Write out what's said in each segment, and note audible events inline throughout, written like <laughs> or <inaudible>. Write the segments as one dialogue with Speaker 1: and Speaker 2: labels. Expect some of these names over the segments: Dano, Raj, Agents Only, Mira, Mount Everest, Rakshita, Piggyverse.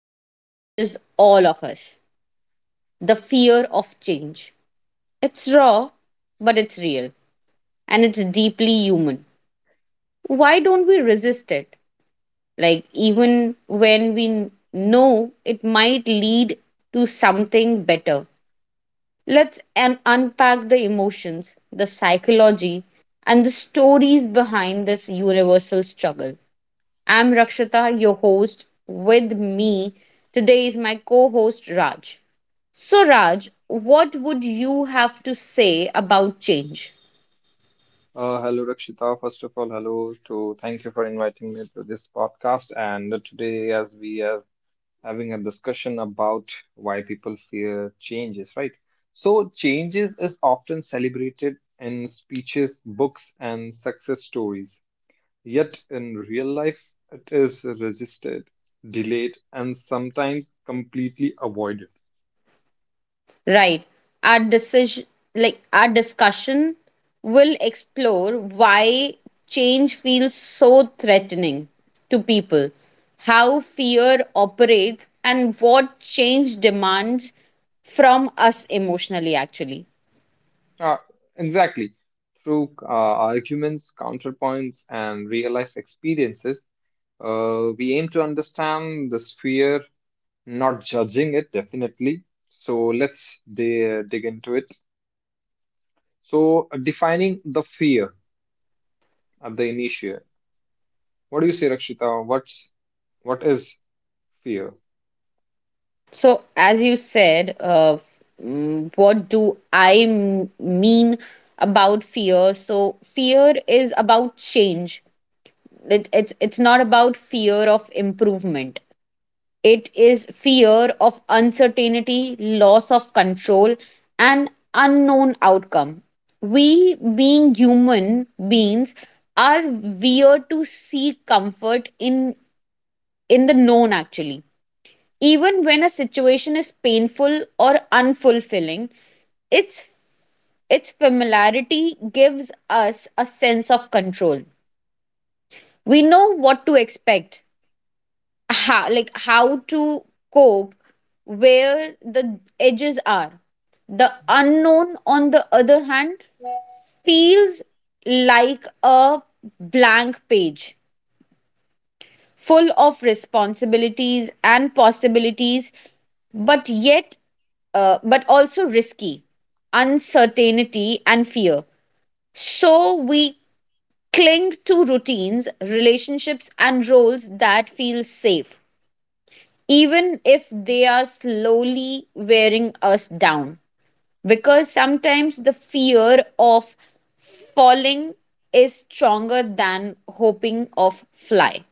Speaker 1: that touches all of us, the fear of change. It's raw, but it's real and it's deeply human. Why don't we resist it? Like, even when we know it might lead to something better. Let's unpack the emotions, the psychology, and the stories behind this universal struggle. I'm Rakshita, your host. With me today is my co host Raj. So, Raj, what would you have to say about change?
Speaker 2: Hello, Rakshita. First of all, hello to thank you for inviting me to this podcast. And today, as we are having a discussion about why people fear changes, right? So, changes is often celebrated in speeches, books, and success stories. Yet, in real life, it is resisted, delayed, and sometimes completely avoided.
Speaker 1: Right. Our decision, like our discussion, will explore why change feels so threatening to people, how fear operates, and what change demands from us emotionally, actually.
Speaker 2: Uh, exactly. Through arguments, counterpoints, and real life experiences, we aim to understand the sphere, not judging it, definitely. So let's dig into it. So defining the fear at the initial. What do you say, Rakshita? What is fear?
Speaker 1: So, as you said, what do I mean about fear? So, fear is about change. It's not about fear of improvement. It is fear of uncertainty, loss of control, and unknown outcome. We, being human beings, are weird to seek comfort in the known, actually, even when a situation is painful or unfulfilling, its its familiarity gives us a sense of control. We know what to expect, how, like how to cope, where the edges are. The unknown, on the other hand, feels like a blank page, full of responsibilities and possibilities, but yet, but also risky, uncertainty, and fear. So we cling to routines, relationships, and roles that feel safe, even if they are slowly wearing us down. Because sometimes the fear of falling is stronger than hoping of fly.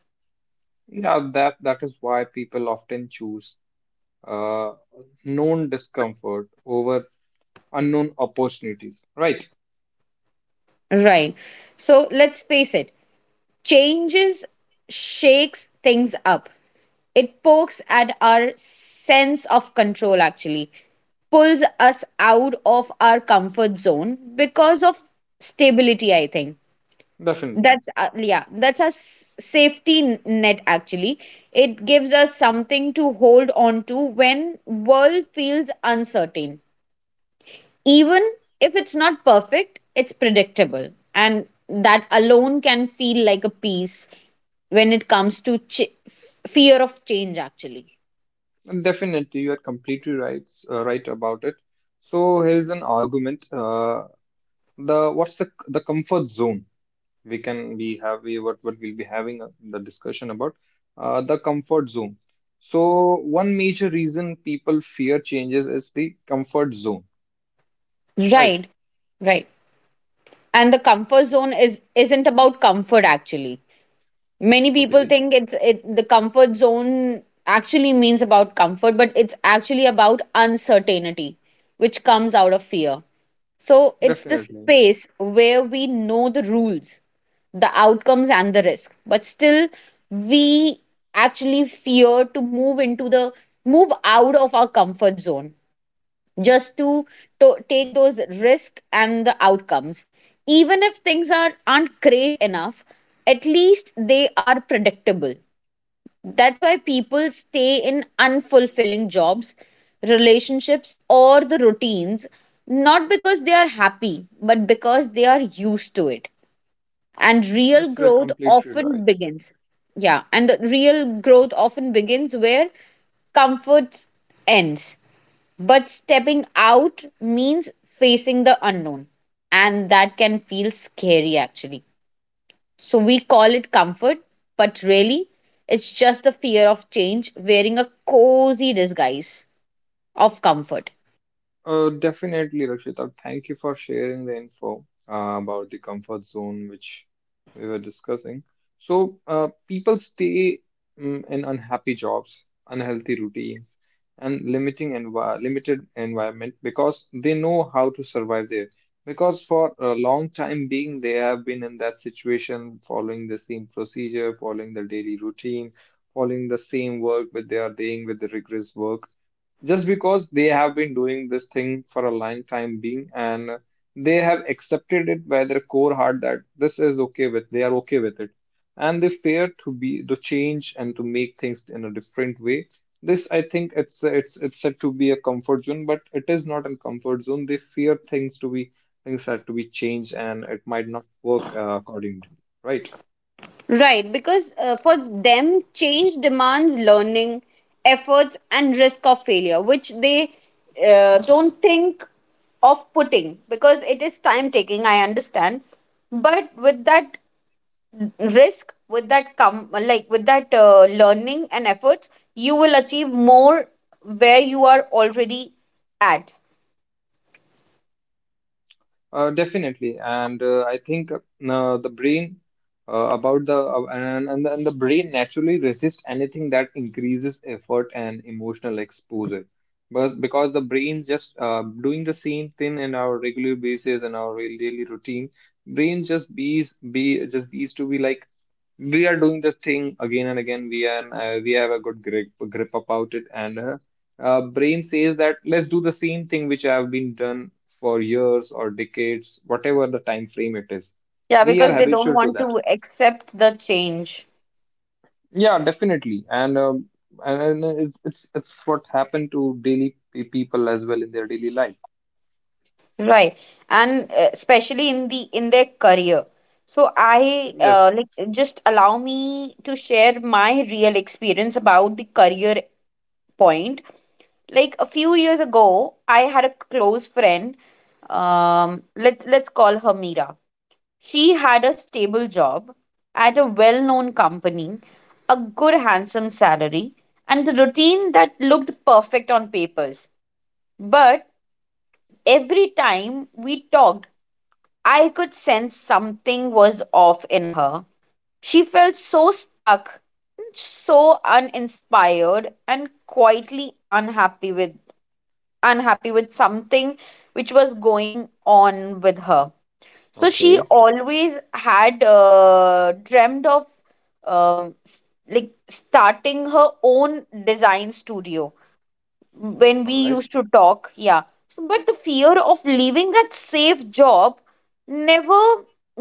Speaker 2: Yeah, that is why people often choose uh, known discomfort over unknown opportunities. Right?
Speaker 1: Right. So let's face it, changes shakes things up. It pokes at our sense of control, actually, pulls us out of our comfort zone because of stability, I think.
Speaker 2: Definitely.
Speaker 1: That's yeah, that's a safety net actually. It gives us something to hold on to when world feels uncertain, even if it's not perfect, it's predictable. And that alone can feel like a peace, when it comes to fear of change, actually.
Speaker 2: And definitely, you are completely right about it. So here's an argument. The what's the comfort zone we can be have we what we'll be having the discussion about the comfort zone, so one major reason people fear changes is the comfort zone, right.
Speaker 1: Right, right. And the comfort zone is, isn't about comfort, actually. Many people
Speaker 2: Okay.
Speaker 1: think it the comfort zone actually means about comfort, but it's actually about uncertainty which comes out of fear. So it's the
Speaker 2: Definitely.
Speaker 1: space where we know the rules, the outcomes and the risk, but still we actually fear to move into the move out of our comfort zone just to take those risks and the outcomes. Even if things aren't great enough, at least they are predictable. That's why people stay in unfulfilling jobs, relationships, or the routines, not because they are happy, but because they are used to it. And real
Speaker 2: Yes, you're
Speaker 1: growth
Speaker 2: completely
Speaker 1: often
Speaker 2: right.
Speaker 1: begins. Yeah, and the real growth often begins where comfort ends, but stepping out means facing the unknown, and that can feel scary, actually. So we call it comfort, but really, it's just the fear of change wearing a cozy disguise of comfort.
Speaker 2: Definitely, Rakshita. Thank you for sharing the info about the comfort zone, which we were discussing. So, people stay, in unhappy jobs, unhealthy routines, and limiting envi limited environment because they know how to survive there. Because for a long time being, they have been in that situation, following the same procedure, following the daily routine, following the same work, but they are dealing with the rigorous work just because they have been doing this thing for a long time being, and they have accepted it by their core heart that this is okay with, they are okay with it, and they fear to change and to make things in a different way. This, I think it's said to be a comfort zone, but it is not a comfort zone. They fear things to be, things had to be changed, and it might not work accordingly, right?
Speaker 1: Right, because for them, change demands learning, efforts, and risk of failure, which they don't think of putting because it is time taking, I understand. But with that risk, with that come, like, with that learning and efforts, you will achieve more where you are already at.
Speaker 2: Definitely, and I think the brain about the and the brain naturally resists anything that increases effort and emotional exposure, but because the brain's just doing the same thing in our regular basis and our real daily routine, brain just bees to be like we are doing the thing again and again. We have a good grip about it, and brain says that let's do the same thing which have been done for years or decades, whatever the time frame it is.
Speaker 1: Yeah,
Speaker 2: We are
Speaker 1: because they don't
Speaker 2: habitual to
Speaker 1: want
Speaker 2: that.
Speaker 1: to accept the change.
Speaker 2: Yeah, definitely. And it's what happened to daily people as well in their daily life.
Speaker 1: Right, and especially in the in their career. So I
Speaker 2: Yes.
Speaker 1: like, just allow me to share my real experience about the career point. Like, a few years ago I had a close friend, um, let's call her Mira. She had a stable job at a well known company, a good, handsome salary, and a routine that looked perfect on papers. But every time we talked, I could sense something was off in her. She felt so stuck, so uninspired, and quietly unhappy with something which was going on with her. So she
Speaker 2: Okay.
Speaker 1: always had dreamt of um, s- like starting her own design studio when we
Speaker 2: All right.
Speaker 1: used to talk. Yeah. So, but the fear of leaving that safe job never,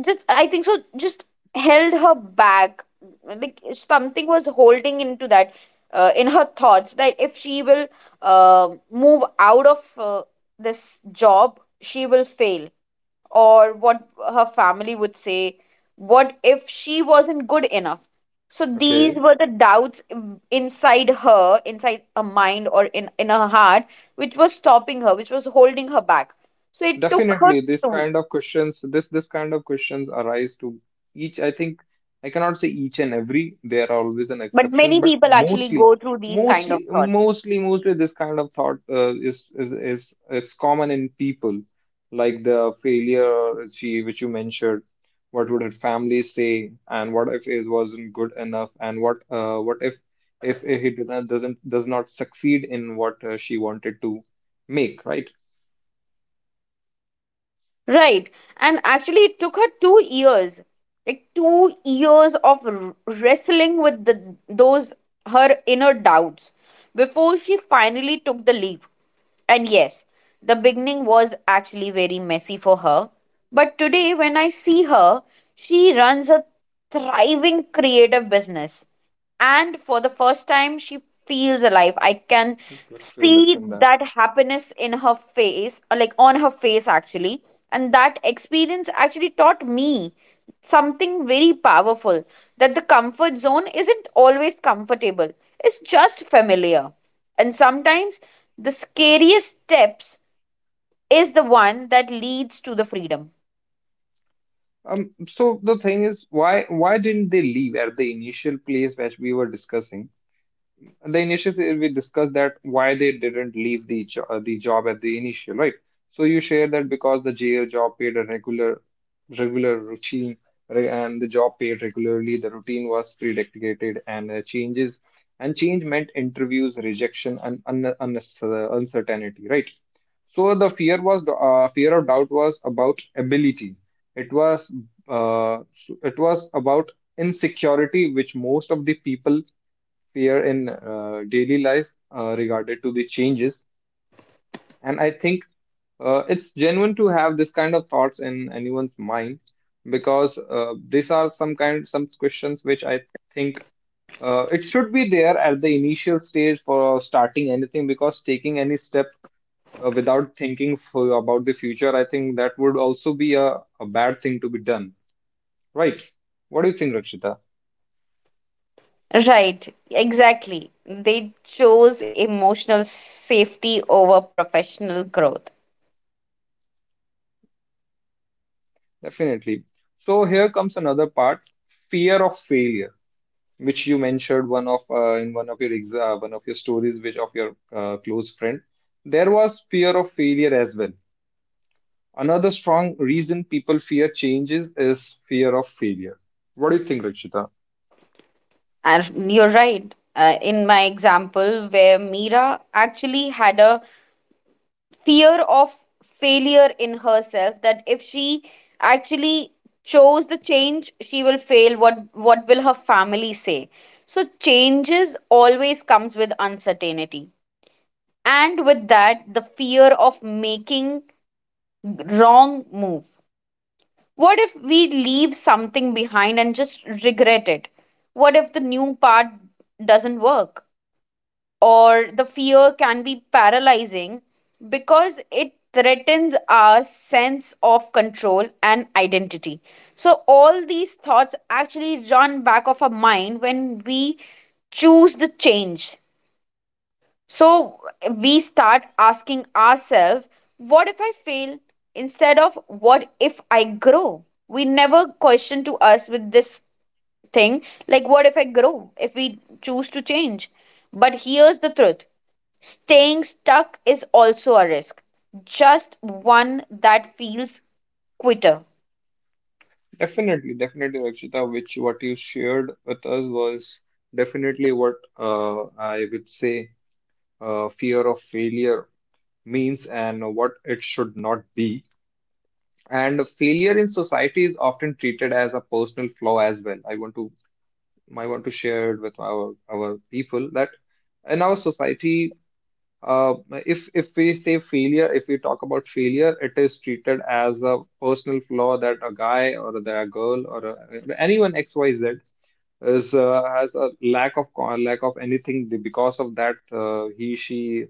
Speaker 1: just, I think so, just held her back. Like something was holding into that in her thoughts that if she will move out of this job, she will fail, or what her family would say. What if she wasn't good enough? So these
Speaker 2: Okay.
Speaker 1: were the doubts inside her mind, or in her heart, which was stopping her, which was holding her back. So it took her
Speaker 2: Definitely, this
Speaker 1: to.
Speaker 2: kind of questions, this kind of questions arise to each. I think I cannot say each and every. There are always an
Speaker 1: But
Speaker 2: exception,
Speaker 1: many
Speaker 2: but
Speaker 1: people actually
Speaker 2: mostly,
Speaker 1: go through these kind of
Speaker 2: mostly,
Speaker 1: thoughts.
Speaker 2: mostly, mostly, this kind of thought is common in people. Like the failure, she, which you mentioned. What would her family say? And what if it wasn't good enough? And what if he does not succeed in what she wanted to make, right?
Speaker 1: Right. And actually, it took her 2 years, like 2 years of wrestling with the those her inner doubts before she finally took the leap. And yes, the beginning was actually very messy for her. But today, when I see her, she runs a thriving creative business, and for the first time she feels alive. I can
Speaker 2: Good to
Speaker 1: see
Speaker 2: listen that.
Speaker 1: that happiness in her face, or like on her face actually. And that experience actually taught me something very powerful, that the comfort zone isn't always comfortable, it's just familiar. And sometimes the scariest steps is the one that leads to the freedom.
Speaker 2: So the thing is, why didn't they leave at the initial place which we were discussing? The initial, we discussed that why they didn't leave the job at the initial, right? So you share that because the jail job paid a regular routine, and the job paid regularly. The routine was predicted, and changes and change meant interviews, rejection, and uncertainty, right? So the fear was, fear of doubt was about ability. It was so it was about insecurity, which most of the people fear in daily life regarded to the changes. And I think it's genuine to have this kind of thoughts in anyone's mind because these are some questions which I think it should be there at the initial stage for starting anything, because taking any step without thinking for, about the future, I think that would also be a bad thing to be done, right? What do you think, Rakshita?
Speaker 1: Right, exactly. They chose emotional safety over professional growth.
Speaker 2: Definitely. So here comes another part, fear of failure, which you mentioned one of, in one of your exa- one of your stories, which of your close friend, there was fear of failure as well. Another strong reason people fear changes is fear of failure. What do you think, Rakshita?
Speaker 1: And you're right. In my example, where Mira actually had a fear of failure in herself, that if she actually chose the change, she will fail. What will her family say? So changes always comes with uncertainty, and with that, the fear of making wrong move. What if we leave something behind and just regret it? What if the new part doesn't work? Or the fear can be paralyzing because it threatens our sense of control and identity. So, all these thoughts actually run back of our mind when we choose the change. So we start asking ourselves, what if I fail? Instead of what if I grow? We never question to us with this thing, like, what if I grow? If we choose to change. But here's the truth, staying stuck is also a risk, just one that feels quitter.
Speaker 2: Definitely, definitely, Rakshita, which what you shared with us was definitely what I would say fear of failure means and what it should not be. And failure in society is often treated as a personal flaw as well. I want to, I want to share it with our people that in our society, uh, if we say failure, if we talk about failure, it is treated as a personal flaw that a guy or that a girl or, a, anyone X Y Z is has a lack of anything, because of that he, she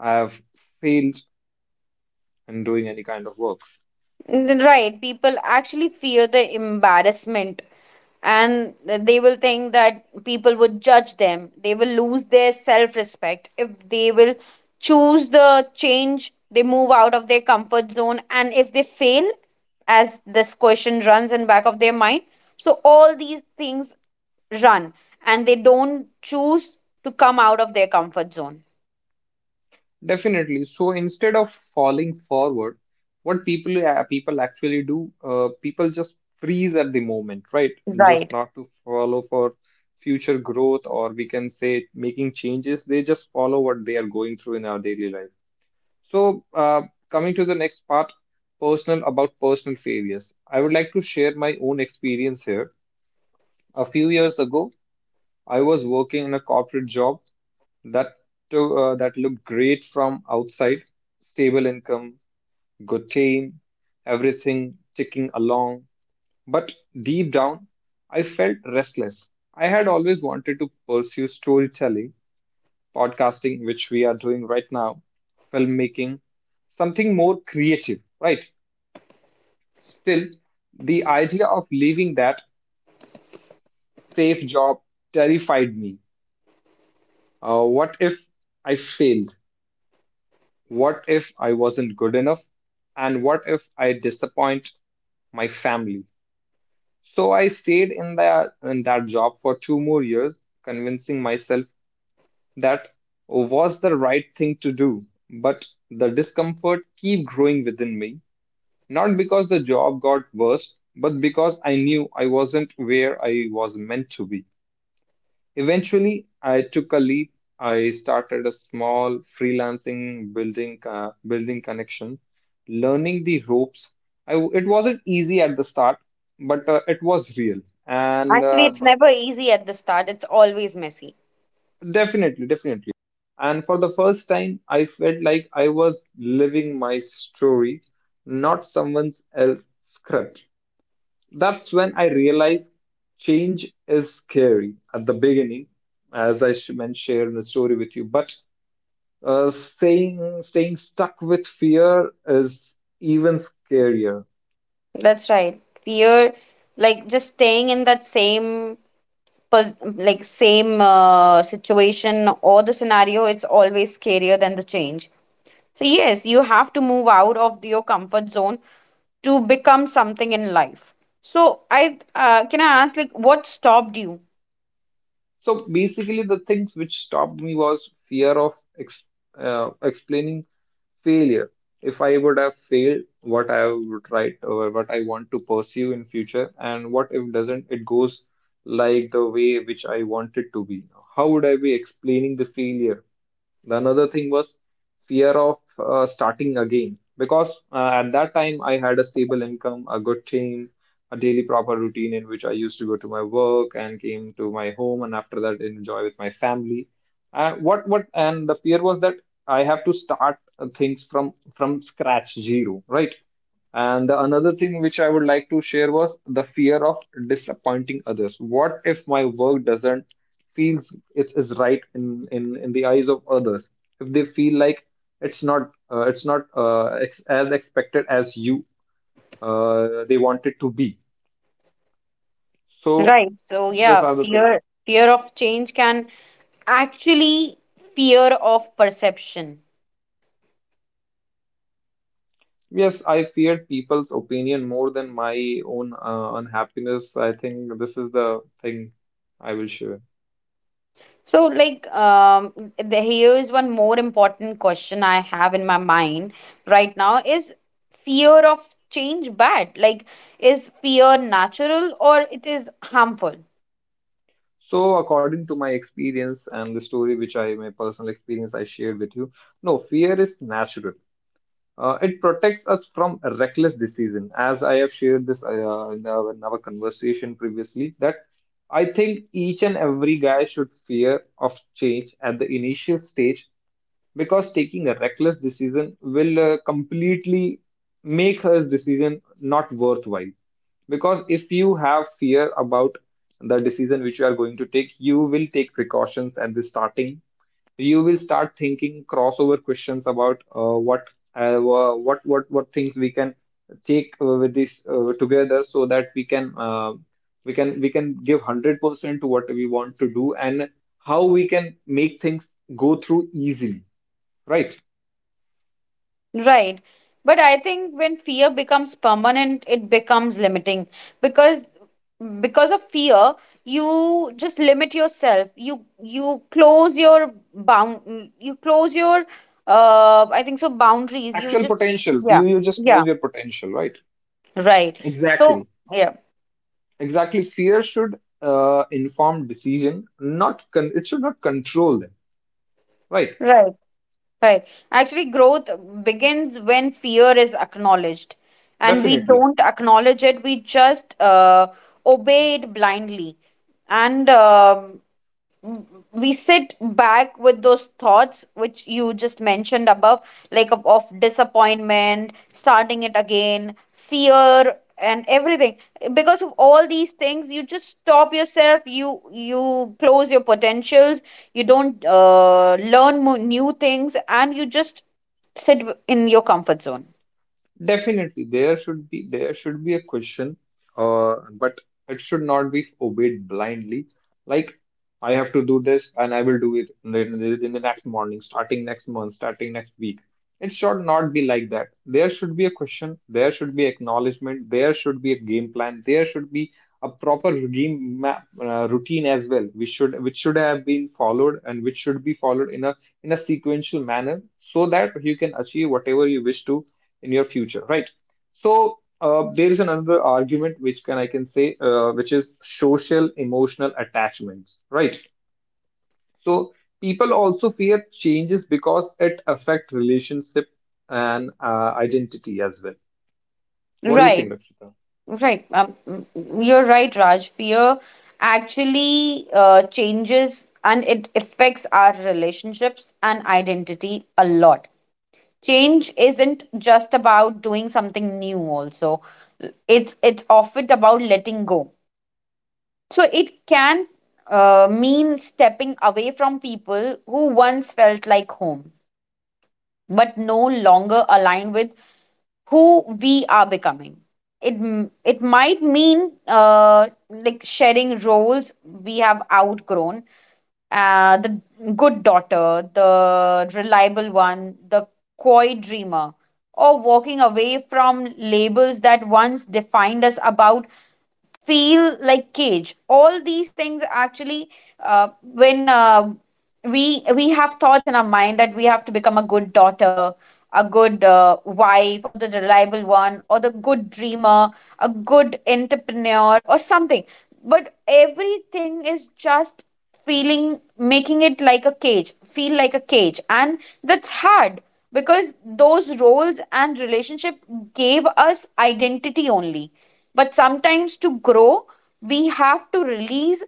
Speaker 2: have failed in doing any kind of work.
Speaker 1: Right, people actually fear the embarrassment and they will think that people would judge them. They will lose their self respect if they will choose the change, they move out of their comfort zone, and if they fail, as this question runs in back of their mind, so all these things run and they don't choose to come out of their comfort zone.
Speaker 2: Definitely. So instead of falling forward, what people people actually do, people just freeze at the moment, right? Just
Speaker 1: Right.
Speaker 2: not to follow for future growth, or we can say making changes. They just follow what they are going through in our daily life. So coming to the next part, personal failures. I would like to share my own experience here. A few years ago, I was working in a corporate job that that look great from outside. Stable income, good team, everything ticking along, but deep down I felt restless. I had always wanted to pursue storytelling, podcasting, which we are doing right now, filmmaking, something more creative, right? Still, the idea of leaving that safe job terrified me. What if I failed? What if I wasn't good enough? And what if I disappoint my family? So I stayed in that job for two more years, convincing myself that was the right thing to do. But the discomfort kept growing within me, not because the job got worse, but because I knew I wasn't where I was meant to be. Eventually, I took a leap. I started a small freelancing, building connection, learning the ropes. I, it wasn't easy at the start, but it was real, and
Speaker 1: Actually,
Speaker 2: uh,
Speaker 1: it's
Speaker 2: the,
Speaker 1: never easy at the start, it's always messy.
Speaker 2: Definitely, definitely. And for the first time, I felt like I was living my story, not someone's else script. That's when I realized change is scary at the beginning, as I shared the story with you, but saying staying stuck with fear is even scarier.
Speaker 1: That's right. Fear, like just staying in that same, like same situation or the scenario, it's always scarier than the change. So yes, you have to move out of your comfort zone to become something in life. So I, can I ask, like, what stopped you?
Speaker 2: So basically, the things which stopped me was fear of ex explaining failure. If I would have failed, what I would write or what I want to pursue in future, and what if doesn't it goes like the way which I want it to be? How would I be explaining the failure? The another thing was fear of starting again, because at that time I had a stable income, a good team, a daily proper routine in which I used to go to my work and came to my home, and after that enjoy with my family. What And the fear was that I have to start things from scratch, zero, right? And the another thing which I would like to share was the fear of disappointing others. What if my work doesn't feels it is right in in the eyes of others, if they feel like it's not ex- as expected as you they want it to be. So
Speaker 1: Right. So
Speaker 2: those
Speaker 1: yeah,
Speaker 2: are the things.
Speaker 1: fear, fear of change can actually, fear of perception.
Speaker 2: Yes, I feared people's opinion more than my own unhappiness. I think this is the thing I will share.
Speaker 1: So, like, here's one more important question I have in my mind right now is, fear of change bad? Like, is fear natural or it is harmful?
Speaker 2: So according to my experience and the story which I, my personal experience I shared with you, no, fear is natural. It protects us from reckless decision. As I have shared this in our conversation previously, that I think each and every guy should fear of change at the initial stage, because taking a reckless decision will completely make her decision not worthwhile. Because if you have fear about the decision which you are going to take, you will take precautions at the starting. You will start thinking crossover questions about what wha- what things we can take with this together so that we can give 100% to what we want to do and how we can make things go through easily, right.
Speaker 1: Right. But I think when fear becomes permanent, it becomes limiting because because of fear, you just limit yourself. You close your bound. You close your I think so boundaries. You
Speaker 2: Actual
Speaker 1: just,
Speaker 2: potentials,
Speaker 1: yeah,
Speaker 2: you just
Speaker 1: yeah.
Speaker 2: lose your potential, right.
Speaker 1: Right. So,
Speaker 2: Exactly.
Speaker 1: yeah,
Speaker 2: Exactly, fear should inform decision, not con- it should not control them, right.
Speaker 1: right, right. Actually, growth begins when fear is acknowledged, and we
Speaker 2: Definitely.
Speaker 1: don't acknowledge it, we just obey it blindly. And we sit back with those thoughts which you just mentioned above, like of disappointment, starting it again fear, and everything. Because of all these things you just stop yourself, you close your potentials, you don't learn new things, and you just sit in your comfort zone.
Speaker 2: Definitely, there should be a question, but it should not be obeyed blindly. Like, I have to do this, and I will do it in the next morning, starting next month, starting next week. It should not be like that. There should be a question. There should be acknowledgement. There should be a game plan. There should be a proper game map, routine as well, which should have been followed and which should be followed in a sequential manner, so that you can achieve whatever you wish to in your future, right? So there is another argument which can I can say, which is social emotional attachments, right? So people also fear changes because it affect relationship and identity as well. What do you
Speaker 1: Right.
Speaker 2: think, Rakshita?
Speaker 1: Right. You're right, Raj. Fear actually changes and it affects our relationships and identity a lot. Change isn't just about doing something new also. It's often about letting go. So it can mean stepping away from people who once felt like home but no longer aligned with who we are becoming. It it might mean like sharing roles we have outgrown, the good daughter, the reliable one, the coy dreamer, or walking away from labels that once defined us about feel like cage all these things actually when we have thoughts in our mind that we have to become a good daughter, a good wife or the reliable one or the good dreamer, a good entrepreneur or something, but everything is just feeling making it like a cage, feel like a cage. And that's hard because those roles and relationship gave us identity only, but sometimes to grow we have to release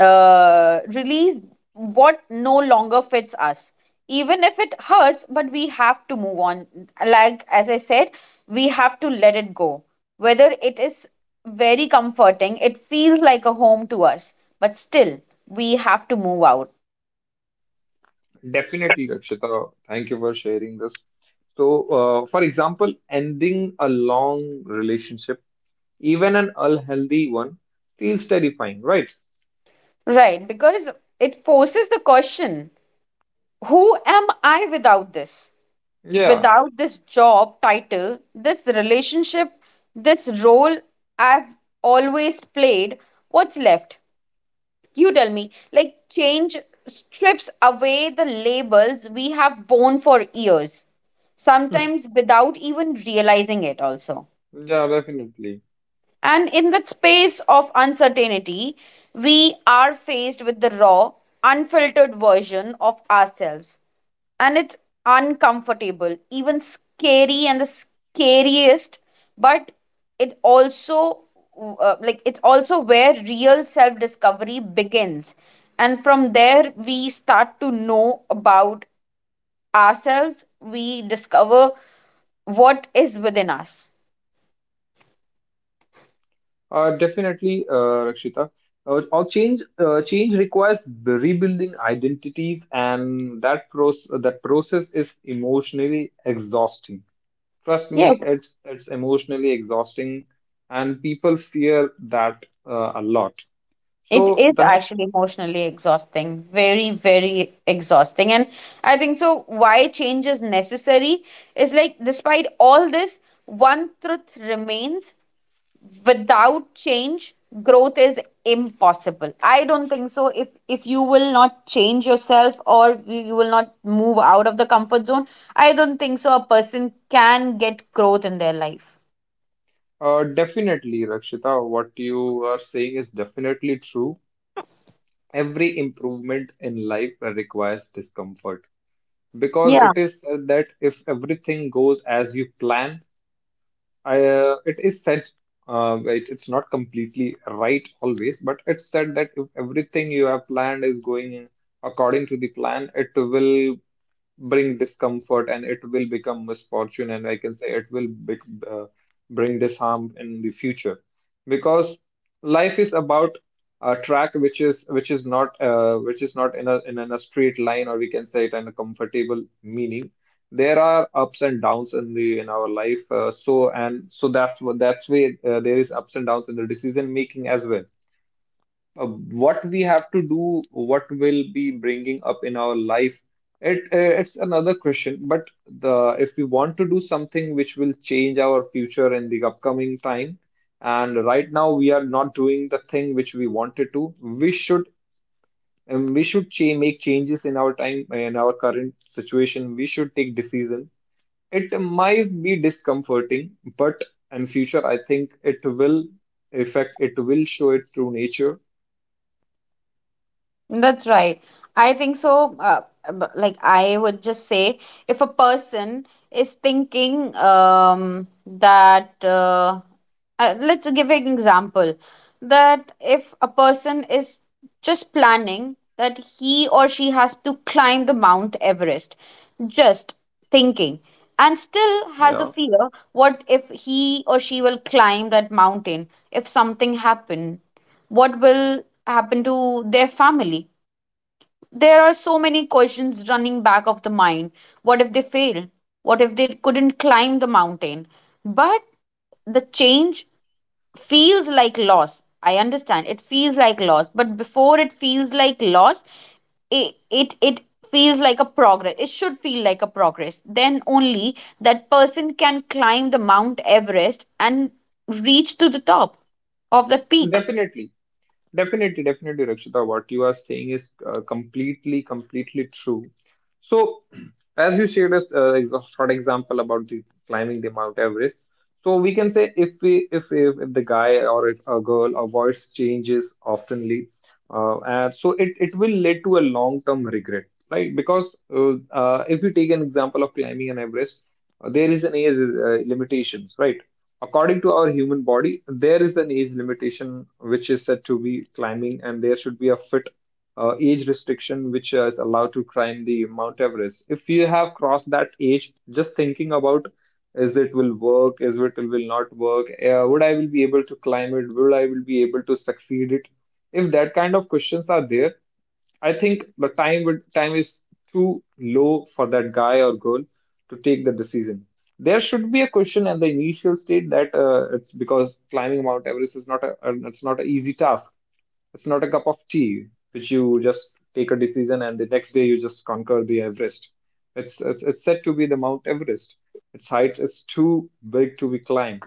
Speaker 1: release what no longer fits us, even if it hurts, but we have to move on. Like as I said, we have to let it go, whether it is very comforting, it feels like a home to us, but still we have to move out.
Speaker 2: Definitely, Rakshita. Thank you for sharing this. So, for example, ending a long relationship, even an unhealthy one, feels terrifying, right?
Speaker 1: Right, because it forces the question, who am I without this?
Speaker 2: Yeah,
Speaker 1: Without this job title, this relationship, this role I've always played, what's left? You tell me. Like, change strips away the labels we have worn for years, sometimes without even realizing it, also.
Speaker 2: yeah, definitely.
Speaker 1: And in that space of uncertainty, we are faced with the raw, unfiltered version of ourselves. And it's uncomfortable, even scary, and the scariest, but it also it's also where real self discovery begins, and from there we start to know about ourselves, we discover what is within us.
Speaker 2: Definitely, Rakshita. All change Change requires the rebuilding identities, and that process is emotionally exhausting. Trust
Speaker 1: Yes.
Speaker 2: me, it's emotionally exhausting, and people fear that a lot.
Speaker 1: It
Speaker 2: So
Speaker 1: is
Speaker 2: the next,
Speaker 1: actually emotionally exhausting, very, very exhausting. And I think so. Why change is necessary is like, despite all this, one truth remains: without change, growth is impossible. I don't think so. If you will not change yourself, or you will not move out of the comfort zone, I don't think so a person can get growth in their life.
Speaker 2: definitely, Rakshita, what you are saying is definitely true. Every improvement in life requires discomfort because
Speaker 1: Yeah.
Speaker 2: it is said that if everything goes as you plan. It is said, it's not completely right always, but it's said that if everything you have planned is going according to the plan, it will bring discomfort and it will become misfortune, and I can say it will be, uh, bring this harm in the future, because life is about a track which is not which is not in a in a straight line, or we can say it in a comfortable meaning. There are ups and downs in the in our life, so that's what that's why there is ups and downs in the decision making as well. What we have to do, what will be bringing up in our life. It's another question, but the if we want to do something which will change our future in the upcoming time, and right now we are not doing the thing which we wanted to, we should, we should make changes in our time in our current situation. We should take decision. It might be discomforting, but in future I think it will affect. It will show it through nature.
Speaker 1: That's right. I think so. Like I would just say, if a person is thinking let's give an example, that if a person is just planning that he or she has to climb the Mount Everest, just thinking, and still has a
Speaker 2: Yeah.
Speaker 1: fear. What if he or she will climb that mountain? If something happen? What will happen to their family? There are so many questions running back of the mind. What if they fail? What if they couldn't climb the mountain? But the change feels like loss. I understand. It feels like loss. But before it feels like loss, it feels like a progress, it should feel like a progress, then only that person can climb the Mount Everest and reach to the top of the peak.
Speaker 2: Definitely, definitely, definitely, Rakshita. What you are saying is completely, completely true. So, <clears throat> as you shared us a short example about the climbing the Mount Everest, so we can say if if the guy or if a girl avoids changes oftenly, and so it will lead to a long term regret, right. Because if you take an example of climbing an Everest, there is an age limitations, right. According to our human body there is an age limitation which is said to be climbing, and there should be a fit age restriction which is allowed to climb the Mount Everest. If you have crossed that age, just thinking about is it will work, is it will not work, would I will be able to climb it, will I will be able to succeed it? If that kind of questions are there, I think the time would time is too low for that guy or girl to take the decision. There should be a question at the initial state that it's because climbing Mount Everest is not a, it's not an easy task, it's not a cup of tea which you just take a decision and the next day you just conquer the Everest. It's said to be the Mount Everest. Its height is too big to be climbed.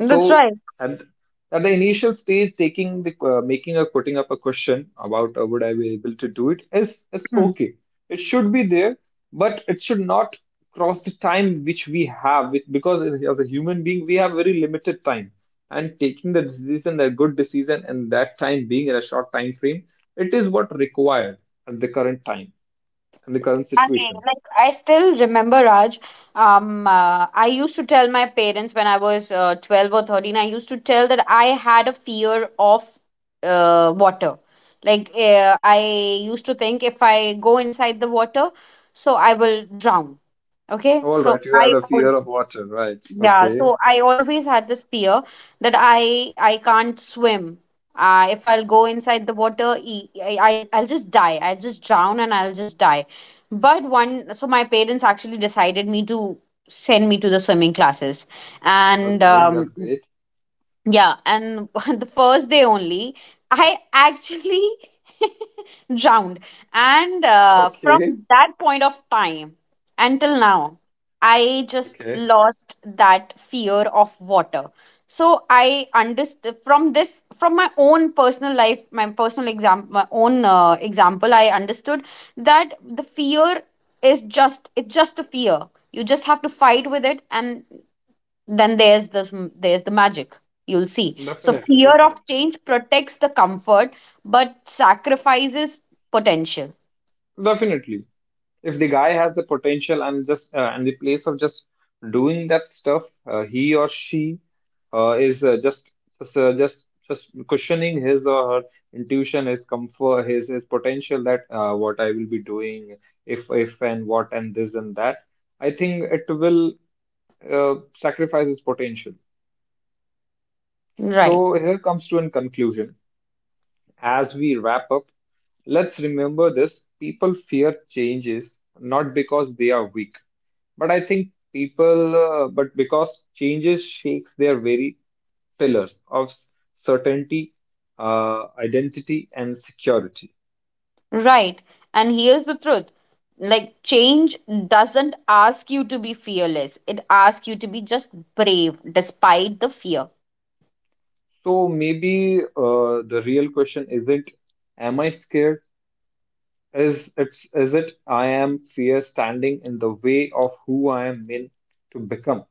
Speaker 1: That's right.
Speaker 2: at at the initial stage, taking the making or putting up a question about would I be able to do it is it's okay. It should be there, but it should not cross the time which we have because as a human being we have very limited time. And taking the decision, a good decision, and that time being in a short time frame, it is what required at the current time and the current
Speaker 1: I mean,
Speaker 2: situation.
Speaker 1: like I still remember Raj. I used to tell my parents when I was 12 or 13. I used to tell that I had a fear of water. Like I used to think if I go inside the water, so I will drown. Okay,
Speaker 2: All
Speaker 1: so
Speaker 2: right, you have
Speaker 1: I
Speaker 2: a
Speaker 1: own.
Speaker 2: fear of water, right?
Speaker 1: Yeah,
Speaker 2: Okay,
Speaker 1: so I always had this fear that I can't swim. If I'll go inside the water, I'll just die. I'll just drown and I'll just die. But one, so my parents actually decided me to send me to the swimming classes, and
Speaker 2: okay, that's great. <laughs>
Speaker 1: yeah, and <laughs> the first day only, I actually drowned. And from
Speaker 2: Okay,
Speaker 1: that point of time until now, I just
Speaker 2: okay.
Speaker 1: lost that fear of water. So I understood from this, from my own personal life, my personal example, my own example, I understood that the fear is just, it's just a fear. You just have to fight with it, and then there's the magic you'll see. So
Speaker 2: Definitely,
Speaker 1: fear of
Speaker 2: definitely,
Speaker 1: change protects the comfort but sacrifices potential.
Speaker 2: definitely. If the guy has the potential and just and the place of just doing that stuff, he or she is just just cushioning his or her intuition, his comfort, his potential that what I will be doing, if and what and this and that. I think it will sacrifice his potential.
Speaker 1: Right.
Speaker 2: So here comes to a conclusion as we wrap up. Let's remember this, people fear changes not because they are weak, but I think people, but because changes shakes their very pillars of certainty, identity, and security.
Speaker 1: Right. And here's the truth, like change doesn't ask you to be fearless, it asks you to be just brave despite the fear.
Speaker 2: So maybe the real question isn't, am I scared? Is it's is it I am fear standing in the way of who I am meant to become?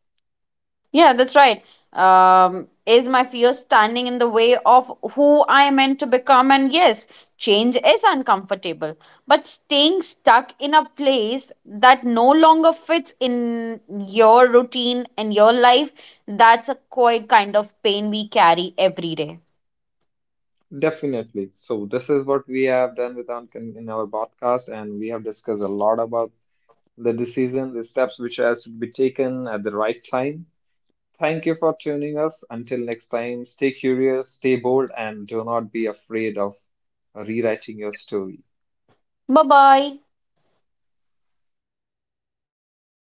Speaker 1: Yeah, that's right. Is my fear standing in the way of who I am meant to become? And yes, change is uncomfortable, but staying stuck in a place that no longer fits in your routine and your life, that's a quite kind of pain we carry every day.
Speaker 2: Definitely. So this is what we have done with our podcast, and we have discussed a lot about the decision, the steps which has to be taken at the right time. Thank you for tuning us. Until next time, stay curious, stay bold, and do not be afraid of rewriting your story.
Speaker 1: Bye bye.